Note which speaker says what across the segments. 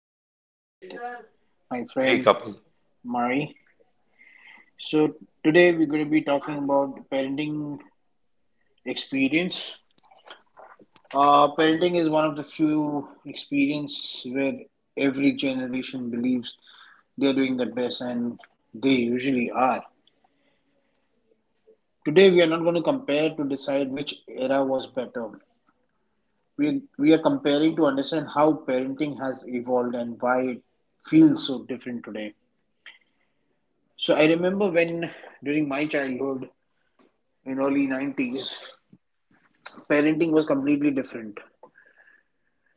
Speaker 1: and I'm with my
Speaker 2: Hey,
Speaker 1: friend
Speaker 2: Kapil.
Speaker 1: Mari. So today we're going to be talking about parenting experience. Parenting is one of the few experience where every generation believes they're doing their best, and they usually are. Today we are not going to compare to decide which era was better. We are comparing to understand how parenting has evolved and why it feels so different today. So I remember when during my childhood in early 90s, parenting was completely different.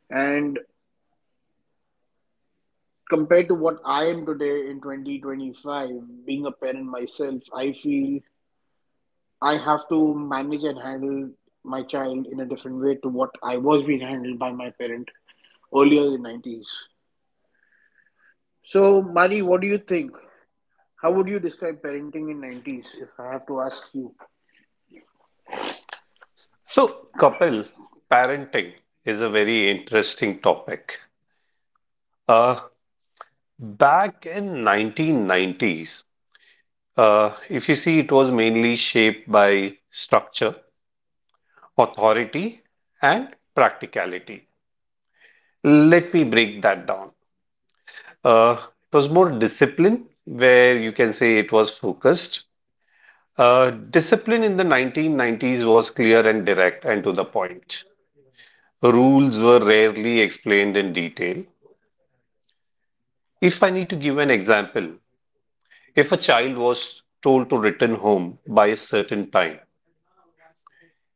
Speaker 1: And compared to what I am today in 2025, being a parent myself, I feel I have to manage and handle my child in a different way to what I was being handled by my parent earlier in 90s. So, Mari, what do you think? How would you describe parenting in 90s if I have to ask you?
Speaker 2: So, Kapil, parenting is a very interesting topic. Uh, Back in 1990s, if you see, it was mainly shaped by structure, authority, and practicality. Let me break that down. It was more discipline, where you can say it was focused. Discipline in the 1990s was clear and direct and to the point. Rules were rarely explained in detail. If I need to give an example, if a child was told to return home by a certain time,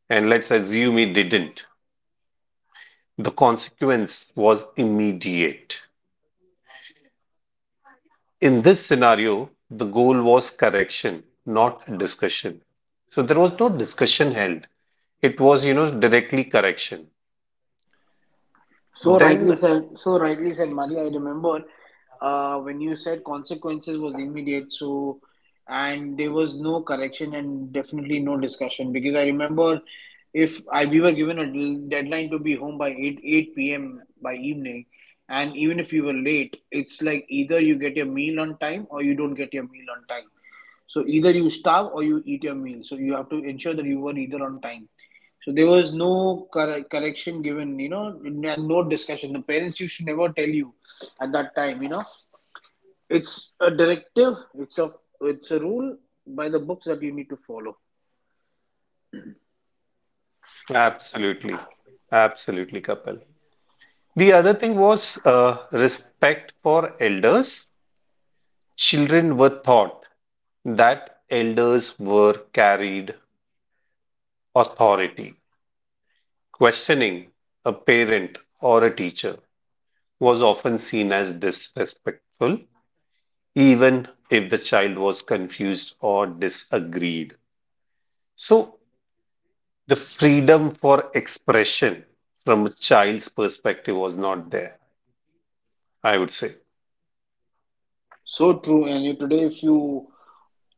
Speaker 2: and let's assume he didn't, the consequence was immediate. In this scenario, the goal was correction, not discussion. So there was no discussion held. It was, directly correction. Then,
Speaker 1: So rightly said, Mari. I remember when you said consequences was immediate, and there was no correction and definitely no discussion, because I remember if I we were given a deadline to be home by 8 8 p.m. by evening, and even if you were late, it's like either you get your meal on time or you don't get your meal on time. So either you starve or you eat your meal. So you have to ensure that you were either on time. So there was no correction given, you know, and no discussion. The parents used to never tell you at that time, you know. It's a directive. It's a rule by the books that you need to follow.
Speaker 2: absolutely, absolutely, Kapil. The other thing was respect for elders. Children were taught that elders were carried authority. Questioning a parent or a teacher was often seen as disrespectful, even if the child was confused or disagreed. So, the freedom for expression from a child's perspective was not there, I would say.
Speaker 1: So true. Today, if you,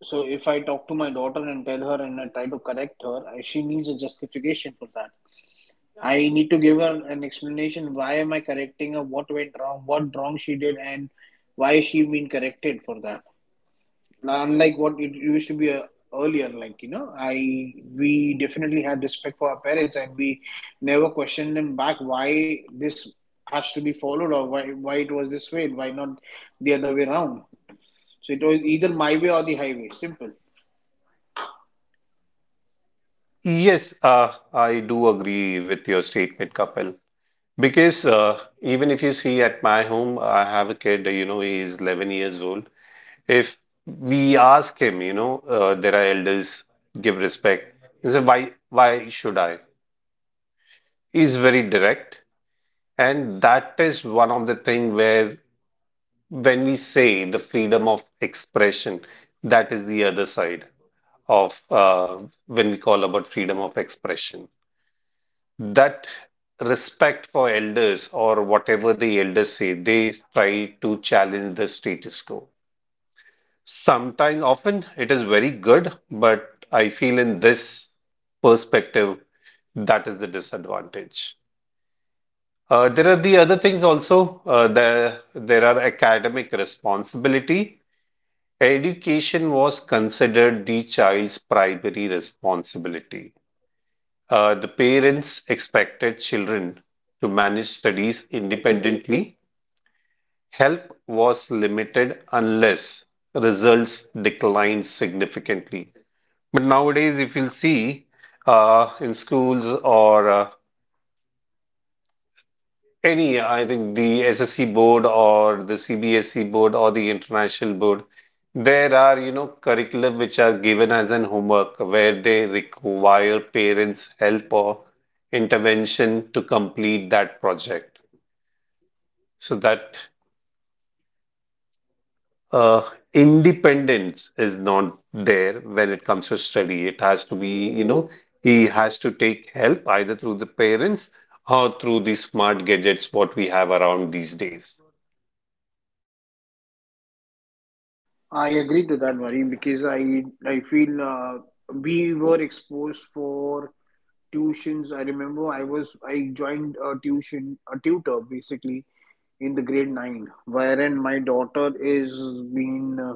Speaker 1: so if I talk to my daughter and tell her and I try to correct her, she needs a justification for that. I need to give her an explanation. Why am I correcting her? What went wrong? What wrong she did, and why is she being corrected for that? Now, unlike what it used to be earlier, like you know, I, we definitely had respect for our parents, and we never questioned them back why this has to be followed, or why it was this way, and why not the other way around. So it was either my way or the highway. Simple.
Speaker 2: Yes, I do agree with your statement, Kapil. Because even if you see at my home, I have a kid, you know, he is 11 years old. If we ask him, there are elders, give respect. He said, why should I? He's very direct. And that is one of the thing where when we say the freedom of expression, that is the other side of when we call about freedom of expression. That respect for elders or whatever the elders say, they try to challenge the status quo. Sometimes, often, it is very good, but I feel in this perspective, that is the disadvantage. There are the other things also. There are academic responsibility. Education was considered the child's primary responsibility. The parents expected children to manage studies independently. Help was limited unless results declined significantly. But nowadays, if you'll see in schools or any, I think the SSE board or the CBSE board or the international board, there are, you know, curriculum which are given as an homework where they require parents' help or intervention to complete that project. So that uh, independence is not there when it comes to study. It has to be, you know, he has to take help either through the parents or through the
Speaker 1: I agree to that, Marie, because I feel we were exposed for tuitions. I remember I joined a tuition a tutor basically in the grade 9, wherein my daughter is being uh,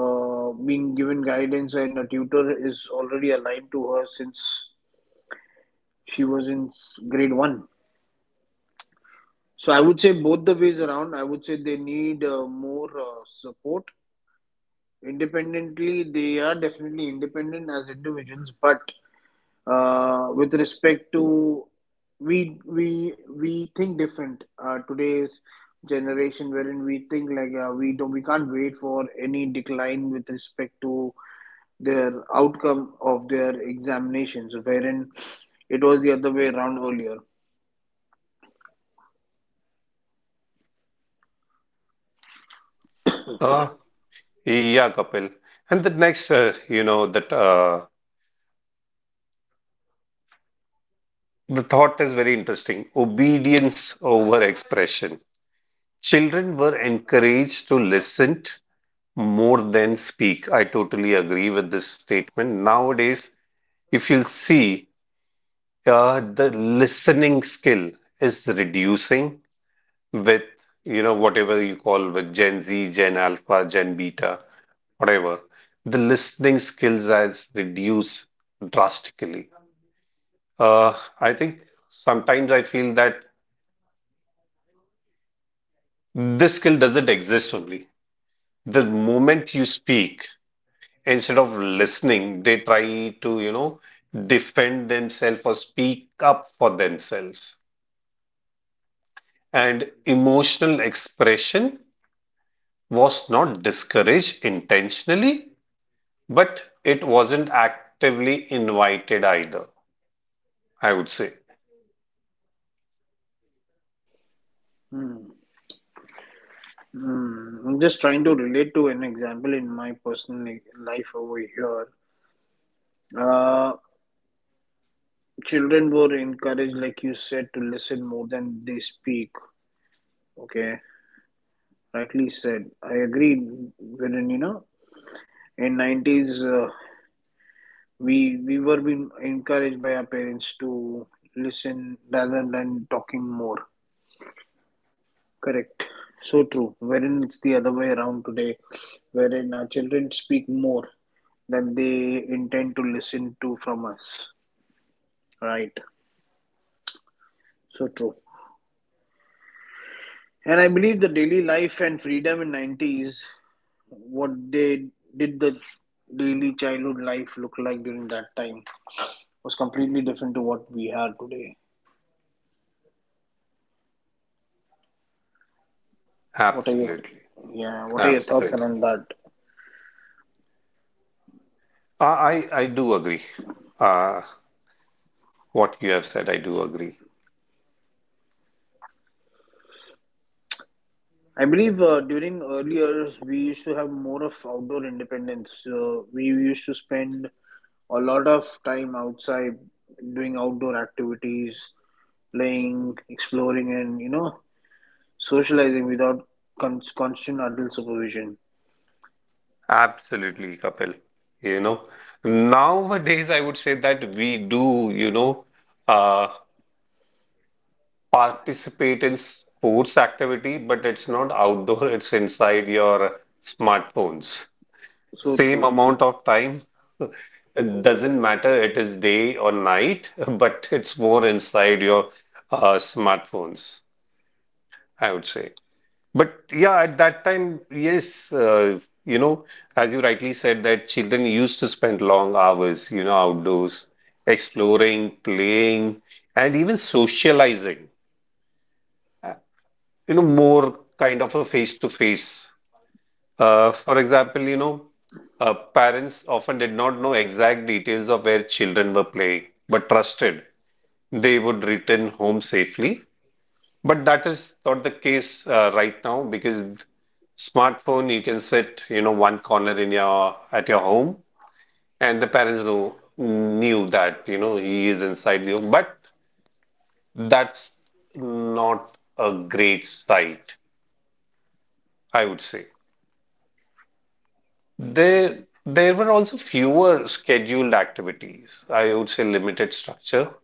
Speaker 1: uh, being given guidance and a tutor is already aligned to her since she was in grade 1. So I would say both the ways around. I would say they need more support. Independently, they are definitely independent as individuals, but with respect to, we think different. Today's generation, wherein we think like we don't, we can't wait for any decline with respect to their outcome of their examinations, wherein it was the other way around earlier.
Speaker 2: Uh, yeah, Kapil. And the next, you know, that the thought is very interesting. Obedience over expression. Children were encouraged to listen more than speak. I totally agree with this statement. Nowadays, if you'll see, the listening skill is reducing with you know whatever you call with Gen Z, Gen Alpha, Gen Beta, whatever, the listening skills has reduced drastically. Uh, I think sometimes I feel that this skill doesn't exist only. The moment you speak, instead of listening, they try to, you know, defend themselves or speak up for themselves. And emotional expression was not discouraged intentionally, but it wasn't actively invited either, I would say.
Speaker 1: hmm. Hmm. I'm just trying to relate to an example in my personal life over here. uh, Children were encouraged, like you said, to listen more than they speak. Okay, rightly said. I agreed, wherein you know, in 90s, we were being encouraged by our parents to listen rather than talking more. Correct. So true. Wherein it's the other way around today, wherein our children speak more than they intend to listen to from us. Right. So true. And I believe the daily life and freedom in 90s, what they did, the daily childhood life look like during that time, was completely different to what we had today. What are your,
Speaker 2: Absolutely.
Speaker 1: yeah? What are your thoughts
Speaker 2: Absolutely.
Speaker 1: on that?
Speaker 2: I do agree. Uh, what you have said, I do agree.
Speaker 1: I believe during earlier we used to have more of outdoor independence. We used to spend a lot of time outside doing outdoor activities, playing, exploring, and you know, socializing without constant adult supervision.
Speaker 2: Absolutely, Kapil. You know, nowadays I would say that we do, uh, participate in sports activity, but it's not outdoor, it's inside your smartphones.
Speaker 1: So
Speaker 2: Same
Speaker 1: true.
Speaker 2: amount of time. It doesn't matter it is day or night, but it's more inside your smartphones, I would say. But yeah, at that time, yes, you know, as you rightly said, that children used to spend long hours, you know, outdoors, exploring, playing, and even socializing, uh, you know, more kind of a face-to-face. For example, parents often did not know exact details of where children were playing, but trusted they would return home safely. But that is not the case right now because smartphone you can sit, you know, one corner in your at your home, and the parents know knew that, you know, he is inside the home. But that's not a great sight, I would say. There were also fewer scheduled activities. I would say limited structure.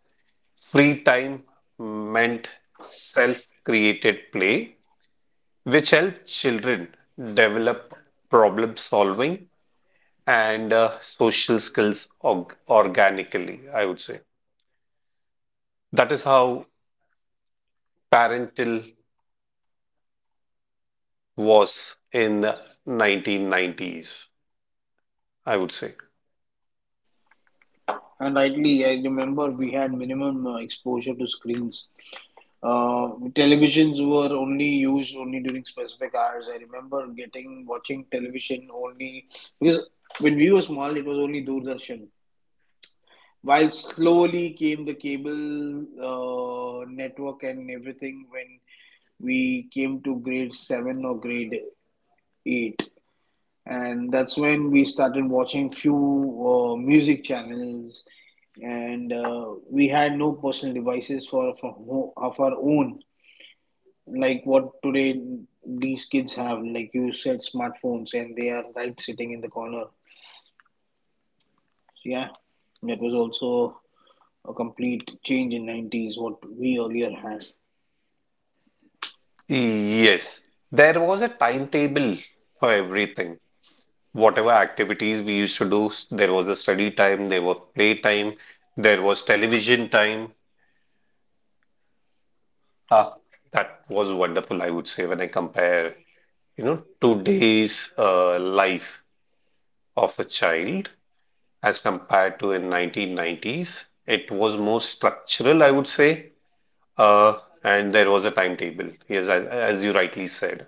Speaker 2: Free time meant self-created play, which helped children develop problem solving and social skills organically, I would say. That is how parental was in 1990s, I would say.
Speaker 1: And rightly, I remember we had minimum exposure to screens. Uh, Televisions were only used only during specific hours. I remember getting watching television only because when we were small, it was only Doordarshan. While slowly came the cable network and everything when we came to grade 7 or grade 8, and that's when we started watching few music channels, and we had no personal devices for of our own, like what today these kids have, like you said, smartphones, and they are right sitting in the corner. So, yeah, that was also a complete change in 90s, what we earlier had.
Speaker 2: Yes, there was a timetable for everything. Whatever activities we used to do, there was a study time, there was play time, there was television time. Ah, that was wonderful, I would say, when I compare, you know, today's life of a child as compared to in 1990s. It was more structural, I would say, uh, and there was a timetable. Yes, as you rightly said.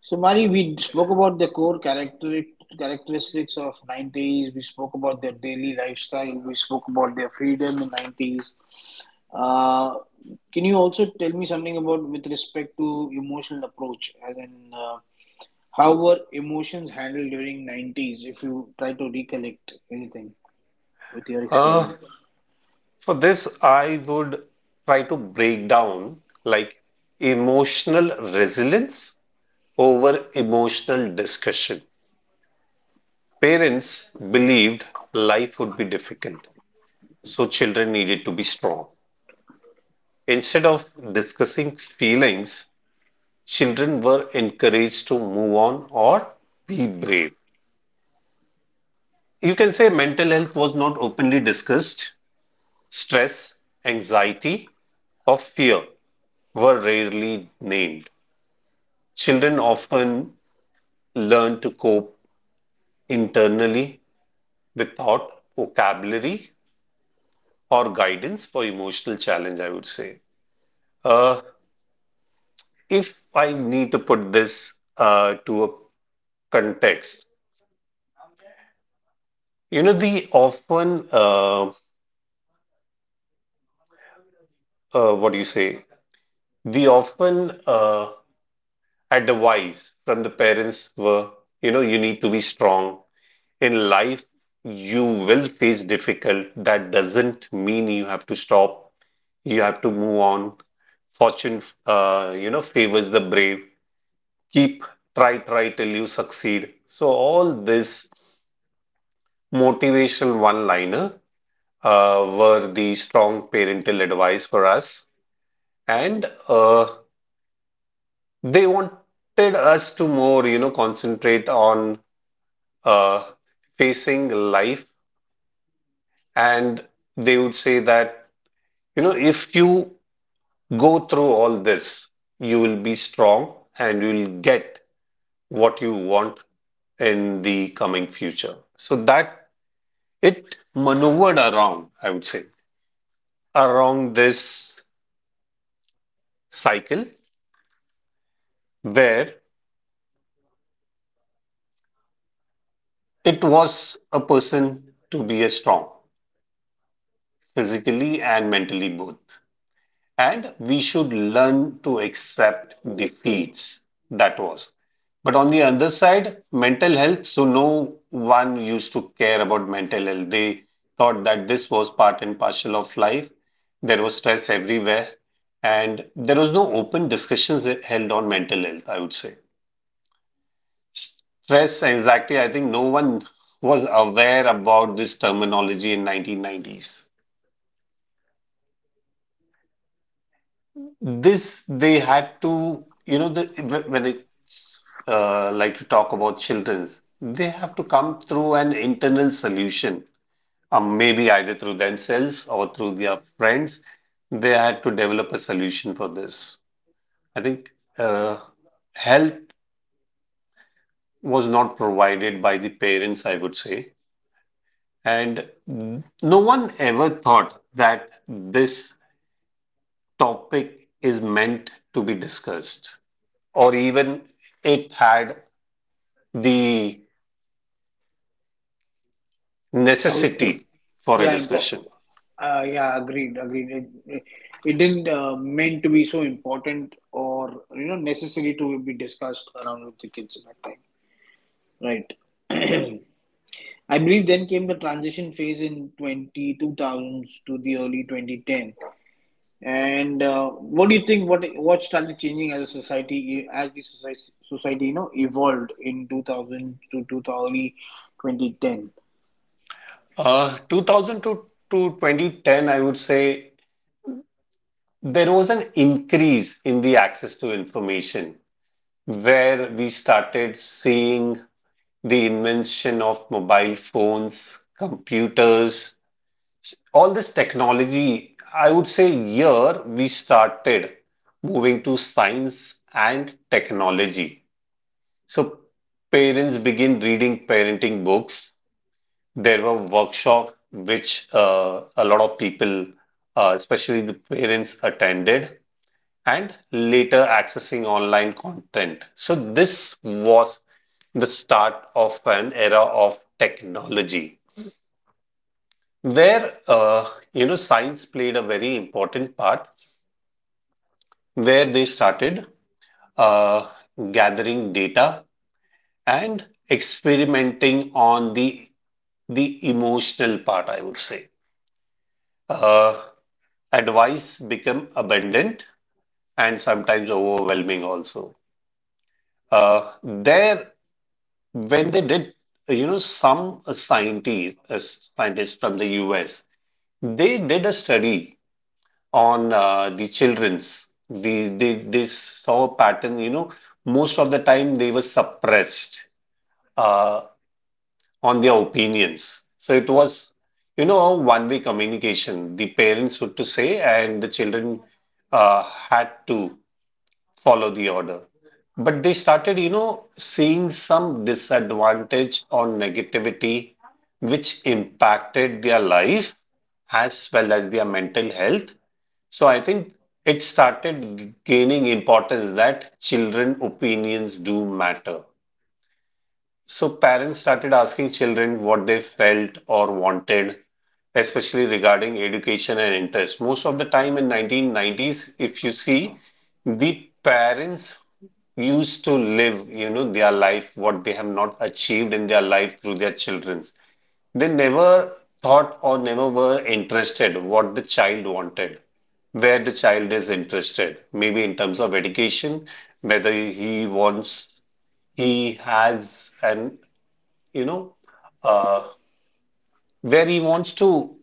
Speaker 1: So, Mari, we spoke about the core characteristics of 90s. We spoke about their daily lifestyle. We spoke about their freedom in 90s. Uh, can you also tell me something about with respect to emotional approach, as in how were emotions handled during 90s if you try to recollect anything with your
Speaker 2: Uh,
Speaker 1: experience?
Speaker 2: For this, I would try to break down like emotional resilience over emotional discussion. Parents believed life would be difficult, so children needed to be strong. Instead of discussing feelings, children were encouraged to move on or be brave. You can say mental health was not openly discussed, stress, anxiety, or fear were rarely named. Children often learn to cope internally without vocabulary or guidance for emotional challenge, I would say. Uh, if I need to put this to a context, you know, the often, what do you say? The often advice from the parents were, you know, you need to be strong. In life, you will face difficult. That doesn't mean you have to stop. You have to move on. Fortune, you know, favors the brave. Keep try till you succeed. So all this motivational one-liner were the strong parental advice for us, and they wanted us to more, you know, concentrate on uh, facing life, and they would say that, you know, if you go through all this, you will be strong and you will get what you want in the coming future. So that it maneuvered around, I would say, around this cycle where it was a person to be a strong physically and mentally both, and we should learn to accept defeats. That was. But on the other side, mental health, so no one used to care about mental health. They thought that this was part and parcel of life. There was stress everywhere, and there was no open discussions held on mental health, I would say. Stress, anxiety, I think no one was aware about this terminology in 1990s. This they had to, you know, when it's like to talk about children's, they have to come through an internal solution, maybe either through themselves or through their friends. They had to develop a solution for this. I think uh, help was not provided by the parents, I would say, and no one ever thought that this topic is meant to be discussed, or even it had the
Speaker 1: How,
Speaker 2: necessity for a
Speaker 1: yeah, impo-
Speaker 2: discussion.
Speaker 1: yeah, agreed, agreed. It didn't meant to be so important or you know necessary to be discussed around with the kids at that time, right? I believe then came the transition phase in twenty two thousands to the early 2010. And what do you think? What started changing as a society, as the society you know evolved in 2000 to 2000, early 2010?
Speaker 2: 2000 to 2010, I would say there was an increase in the access to information where we started seeing the invention of mobile phones, computers, all this technology. I would say here we started moving to science and technology. So parents begin reading parenting books. There were workshops which a lot of people, especially the parents, attended, and later accessing online content. So this was the start of an era of technology where you know science played a very important part where they started uh, gathering data and experimenting on the emotional part, I would say. Uh, Advice become abundant and sometimes overwhelming also. Uh, there, when they did, you know, scientists from the US, they did a study on the children's. They saw a pattern, you know, most of the time they were suppressed. Uh, on their opinions. So it was, you know, one-way communication. The parents would to say, and the children had to follow the order. But they started, you know, seeing some disadvantage or negativity, which impacted their life as well as their mental health. So I think it started gaining importance that children opinions do matter. So parents started asking children what they felt or wanted, especially regarding education and interest. Most of the time in 1990s, if you see, the parents used to live, you know, their life, what they have not achieved in their life through their children. They never thought or never were interested what the child wanted, where the child is interested, maybe in terms of education, whether he wants, he has an you know, uh, where he wants to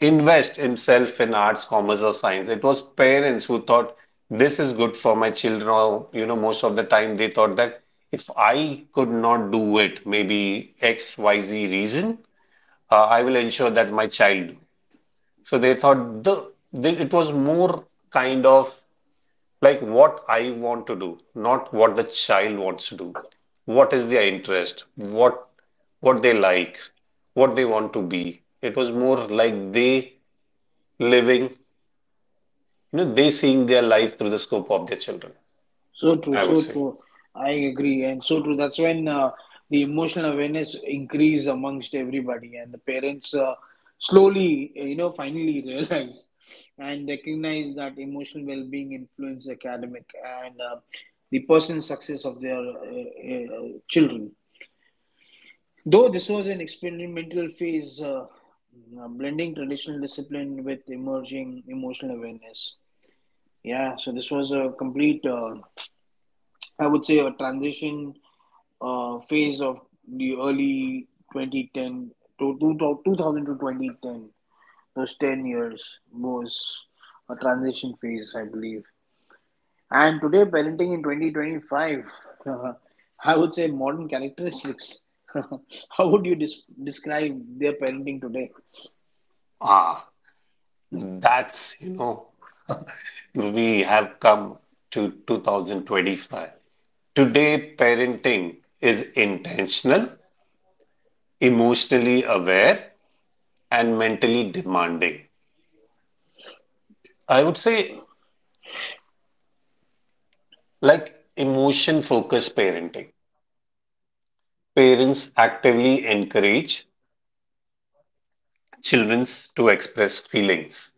Speaker 2: invest himself in arts, commerce, or science. It was parents who thought this is good for my children, or you know, most of the time they thought that if I could not do it, maybe X, Y, Z reason, I will ensure that my child do. So they thought the it was more kind of like what I want to do, not what the child wants to do. What is their interest? What they like? What they want to be? It was more like they living, they seeing their life through the scope of their children,
Speaker 1: So true,
Speaker 2: I would
Speaker 1: so
Speaker 2: say.
Speaker 1: true. I agree, and so true. That's when the emotional awareness increased amongst everybody, and the parents slowly, you know, finally realize and recognize that emotional well-being influence academic and the personal success of their children. Though this was an experimental phase, blending traditional discipline with emerging emotional awareness. Yeah, so this was a complete, I would say, a transition phase of the early 2010 to, two to 2000 to 2010. Those 10 years was a transition phase, I believe. And today, parenting in 2025, I would say modern characteristics. How would you describe their parenting today?
Speaker 2: Ah, that's, you know, we have come to 2025. Today, parenting is intentional, emotionally aware, and mentally demanding. I would say, like emotion focused parenting, parents actively encourage children to express feelings.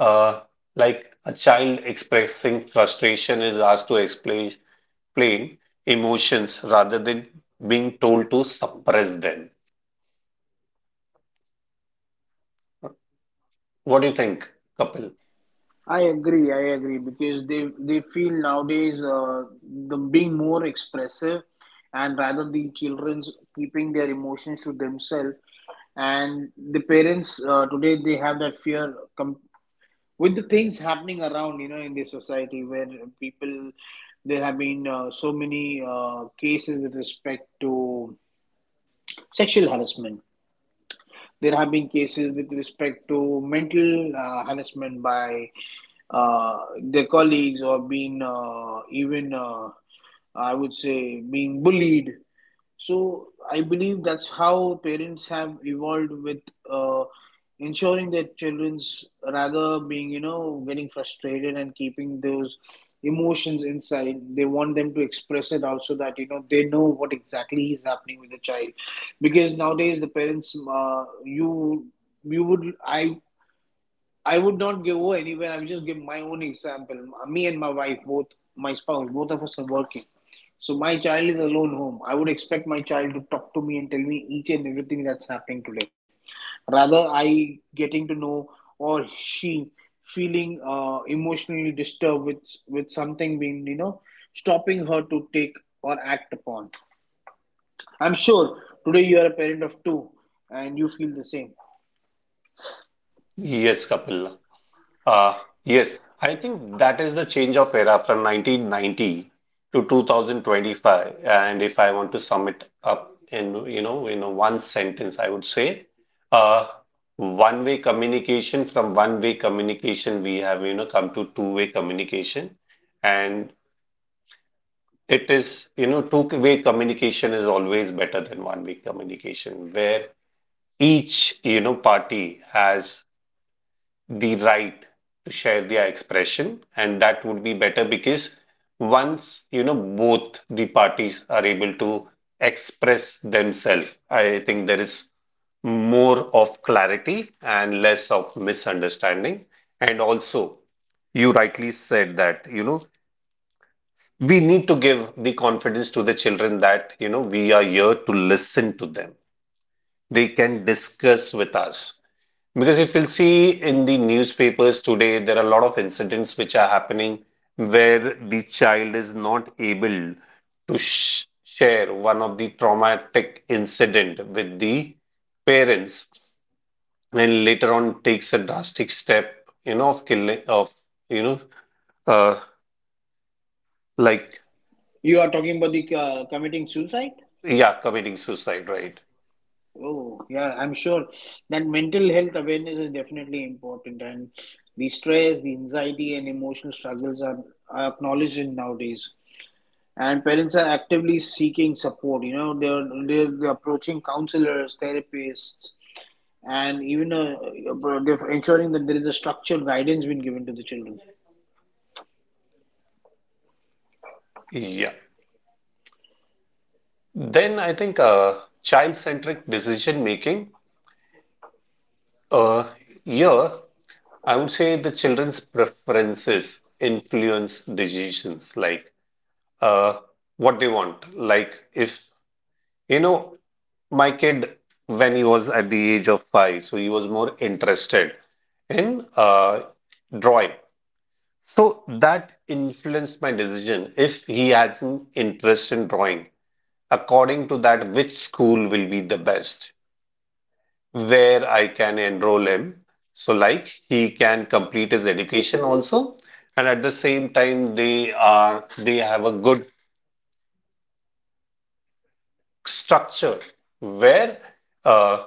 Speaker 2: Uh, like a child expressing frustration is asked to explain, explain emotions rather than being told to suppress them. What do you think, Kapil?
Speaker 1: I agree, because they feel nowadays the being more expressive, and rather the children's keeping their emotions to themselves, and the parents today they have that fear with the things happening around, you know, in the society where people, there have been so many cases with respect to sexual harassment. There have been cases with respect to mental harassment by their colleagues or being even I would say being bullied. So I believe that's how parents have evolved with uh, ensuring their children's, rather being, you know, getting frustrated and keeping those emotions inside. They want them to express it out so that, you know, they know what exactly is happening with the child. Because nowadays the parents, you you would I would not give over anywhere. I would just give my own example. Me and my wife, both, my spouse, both of us are working. So my child is alone home. I would expect my child to talk to me and tell me each and everything that's happening today. Rather, I getting to know or she feeling emotionally disturbed with something being you know stopping her to take or act upon. I'm sure today you are a parent of two and you feel the same.
Speaker 2: Yes, Kapil. Uh, yes, I think that is the change of era from 1990 to 2025. And if I want to sum it up in, in one sentence, I would say, uh, one-way communication from one-way communication, we have, come to two-way communication. And it is, two-way communication is always better than one-way communication, where each, party has the right to share their expression, and that would be better because once both the parties are able to express themselves, I think there is more of clarity and less of misunderstanding. And also, you rightly said that, we need to give the confidence to the children that, we are here to listen to them. They can discuss with us, because if you'll see in the newspapers today, there are a lot of incidents which are happening where the child is not able to sh share one of the traumatic incident with the parents, and later on takes a drastic step, of killing, of you know, uh, like
Speaker 1: You are talking about the committing suicide.
Speaker 2: yeah, committing suicide, right?
Speaker 1: Oh, yeah, I'm sure that mental health awareness is definitely important, and the stress, the anxiety, and emotional struggles are acknowledged in nowadays. And parents are actively seeking support. You know, they're approaching counselors, therapists, and even they're ensuring that there is a structured guidance being given to the children.
Speaker 2: Yeah. Then I think child-centric decision making. Uh, yeah. I would say the children's preferences influence decisions like uh, what they want. Like, if you know, my kid, when he was at the age of 5, so he was more interested in drawing. So that influenced my decision. If he has an interest in drawing, according to that, which school will be the best where I can enroll him? So, like, he can complete his education also, and at the same time, they have a good structure where uh,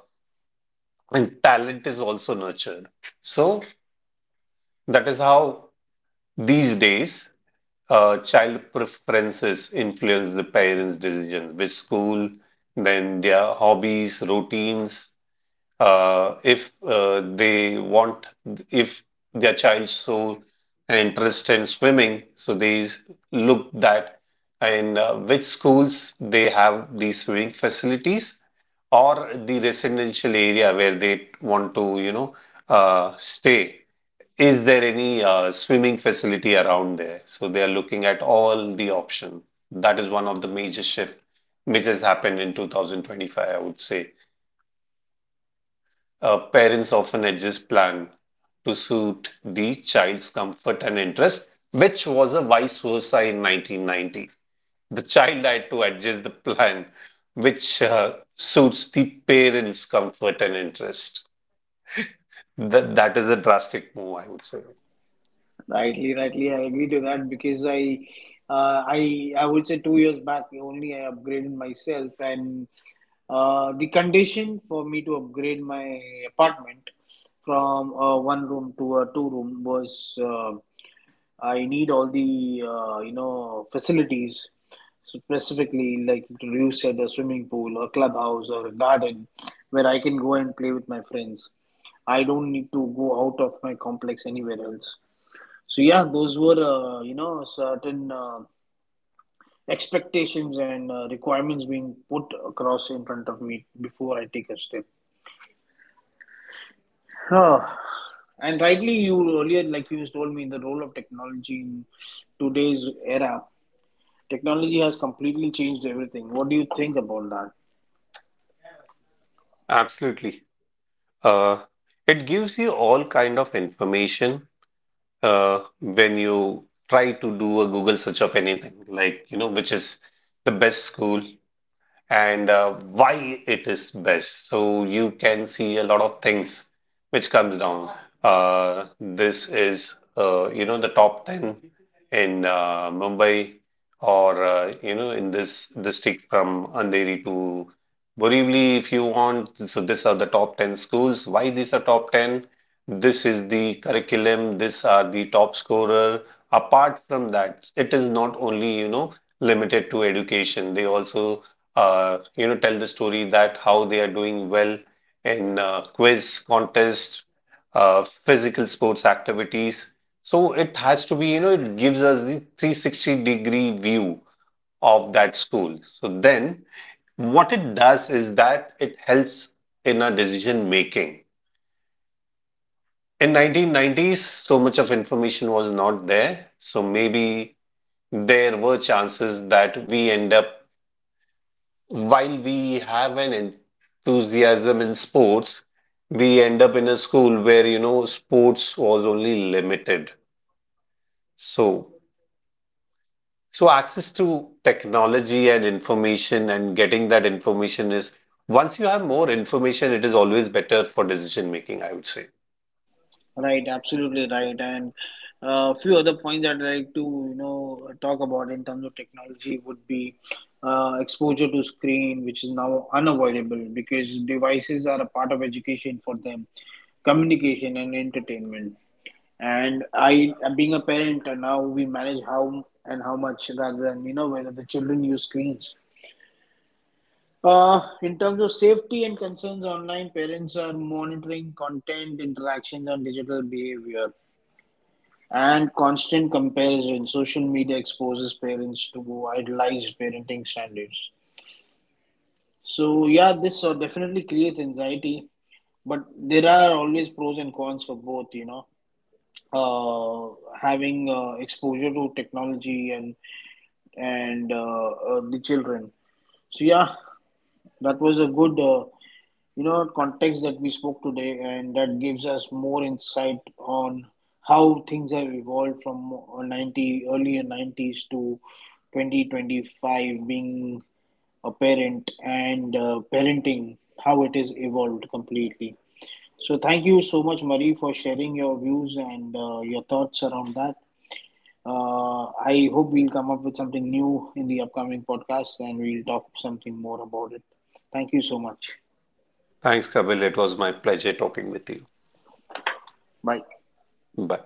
Speaker 2: and talent is also nurtured. So that is how these days child preferences influence the parents' decisions, which school, then their hobbies, routines, if they want if their child show an interest in swimming, so they look that in which schools they have these swimming facilities, or the residential area where they want to, stay, is there any swimming facility around there? So they are looking at all the option. That is one of the major shift which has happened in 2025, I would say. Parents often adjust plan to suit the child's comfort and interest, which was a vice versa in 1990s. The child had to adjust the plan which suits the parents' comfort and interest. That is a drastic move, I would say.
Speaker 1: Rightly, rightly, I agree to that because I, I would say 2 years back only I upgraded myself, and the condition for me to upgrade my apartment from a one room to a two room was, I need all the you know facilities. So specifically, like you said, a swimming pool, a clubhouse, or a garden where I can go and play with my friends. I don't need to go out of my complex anywhere else. So yeah, those were you know, certain expectations and requirements being put across in front of me before I take a step. Ah, and rightly, you earlier, like you told me, the role of technology in today's era, technology has completely changed everything. What do you think about that?
Speaker 2: Absolutely. Uh, it gives you all kind of information when you try to do a Google search of anything, like, which is the best school, and why it is best. So you can see a lot of things which comes down. This is, the top 10 in Mumbai, or in this district from Andheri to Borivali, if you want. So these are the top 10 schools. Why these are top 10? This is the curriculum, these are the top scorer. Apart from that, it is not only, limited to education. They also tell the story that how they are doing well in quiz contest, physical sports activities. So it has to be, it gives us the 360 degree view of that school. So then what it does is that it helps in our decision making. In 1990s, so much of information was not there. So maybe there were chances that we end up, while we have an enthusiasm in sports, we end up in a school where, sports was only limited. So, access to technology and information and getting that information is, once you have more information, it is always better for decision making, I would say.
Speaker 1: Right, absolutely right. And a few other points I'd like to, you know, talk about in terms of technology would be exposure to screen, which is now unavoidable because devices are a part of education for them, communication and entertainment. And I, being a parent, now we manage how and how much rather than, you know, whether the children use screens. In terms of safety and concerns online, parents are monitoring content interactions and digital behavior. And constant comparison. Social media exposes parents to idealized parenting standards. So yeah, this definitely creates anxiety, but there are always pros and cons for both, you know. Uh, Having exposure to technology and the children. So yeah, that was a good you know, context that we spoke today, and that gives us more insight on how things have evolved from 90 earlier 90s to 2025, being a parent, and parenting how it is evolved completely. So thank you so much, Marie, for sharing your views and your thoughts around that. uh, I hope we'll come up with something new in the upcoming podcast, and we'll talk something more about it. Thank you so much.
Speaker 2: Thanks, Kapil. It was my pleasure talking with you.
Speaker 1: Bye.
Speaker 2: Bye.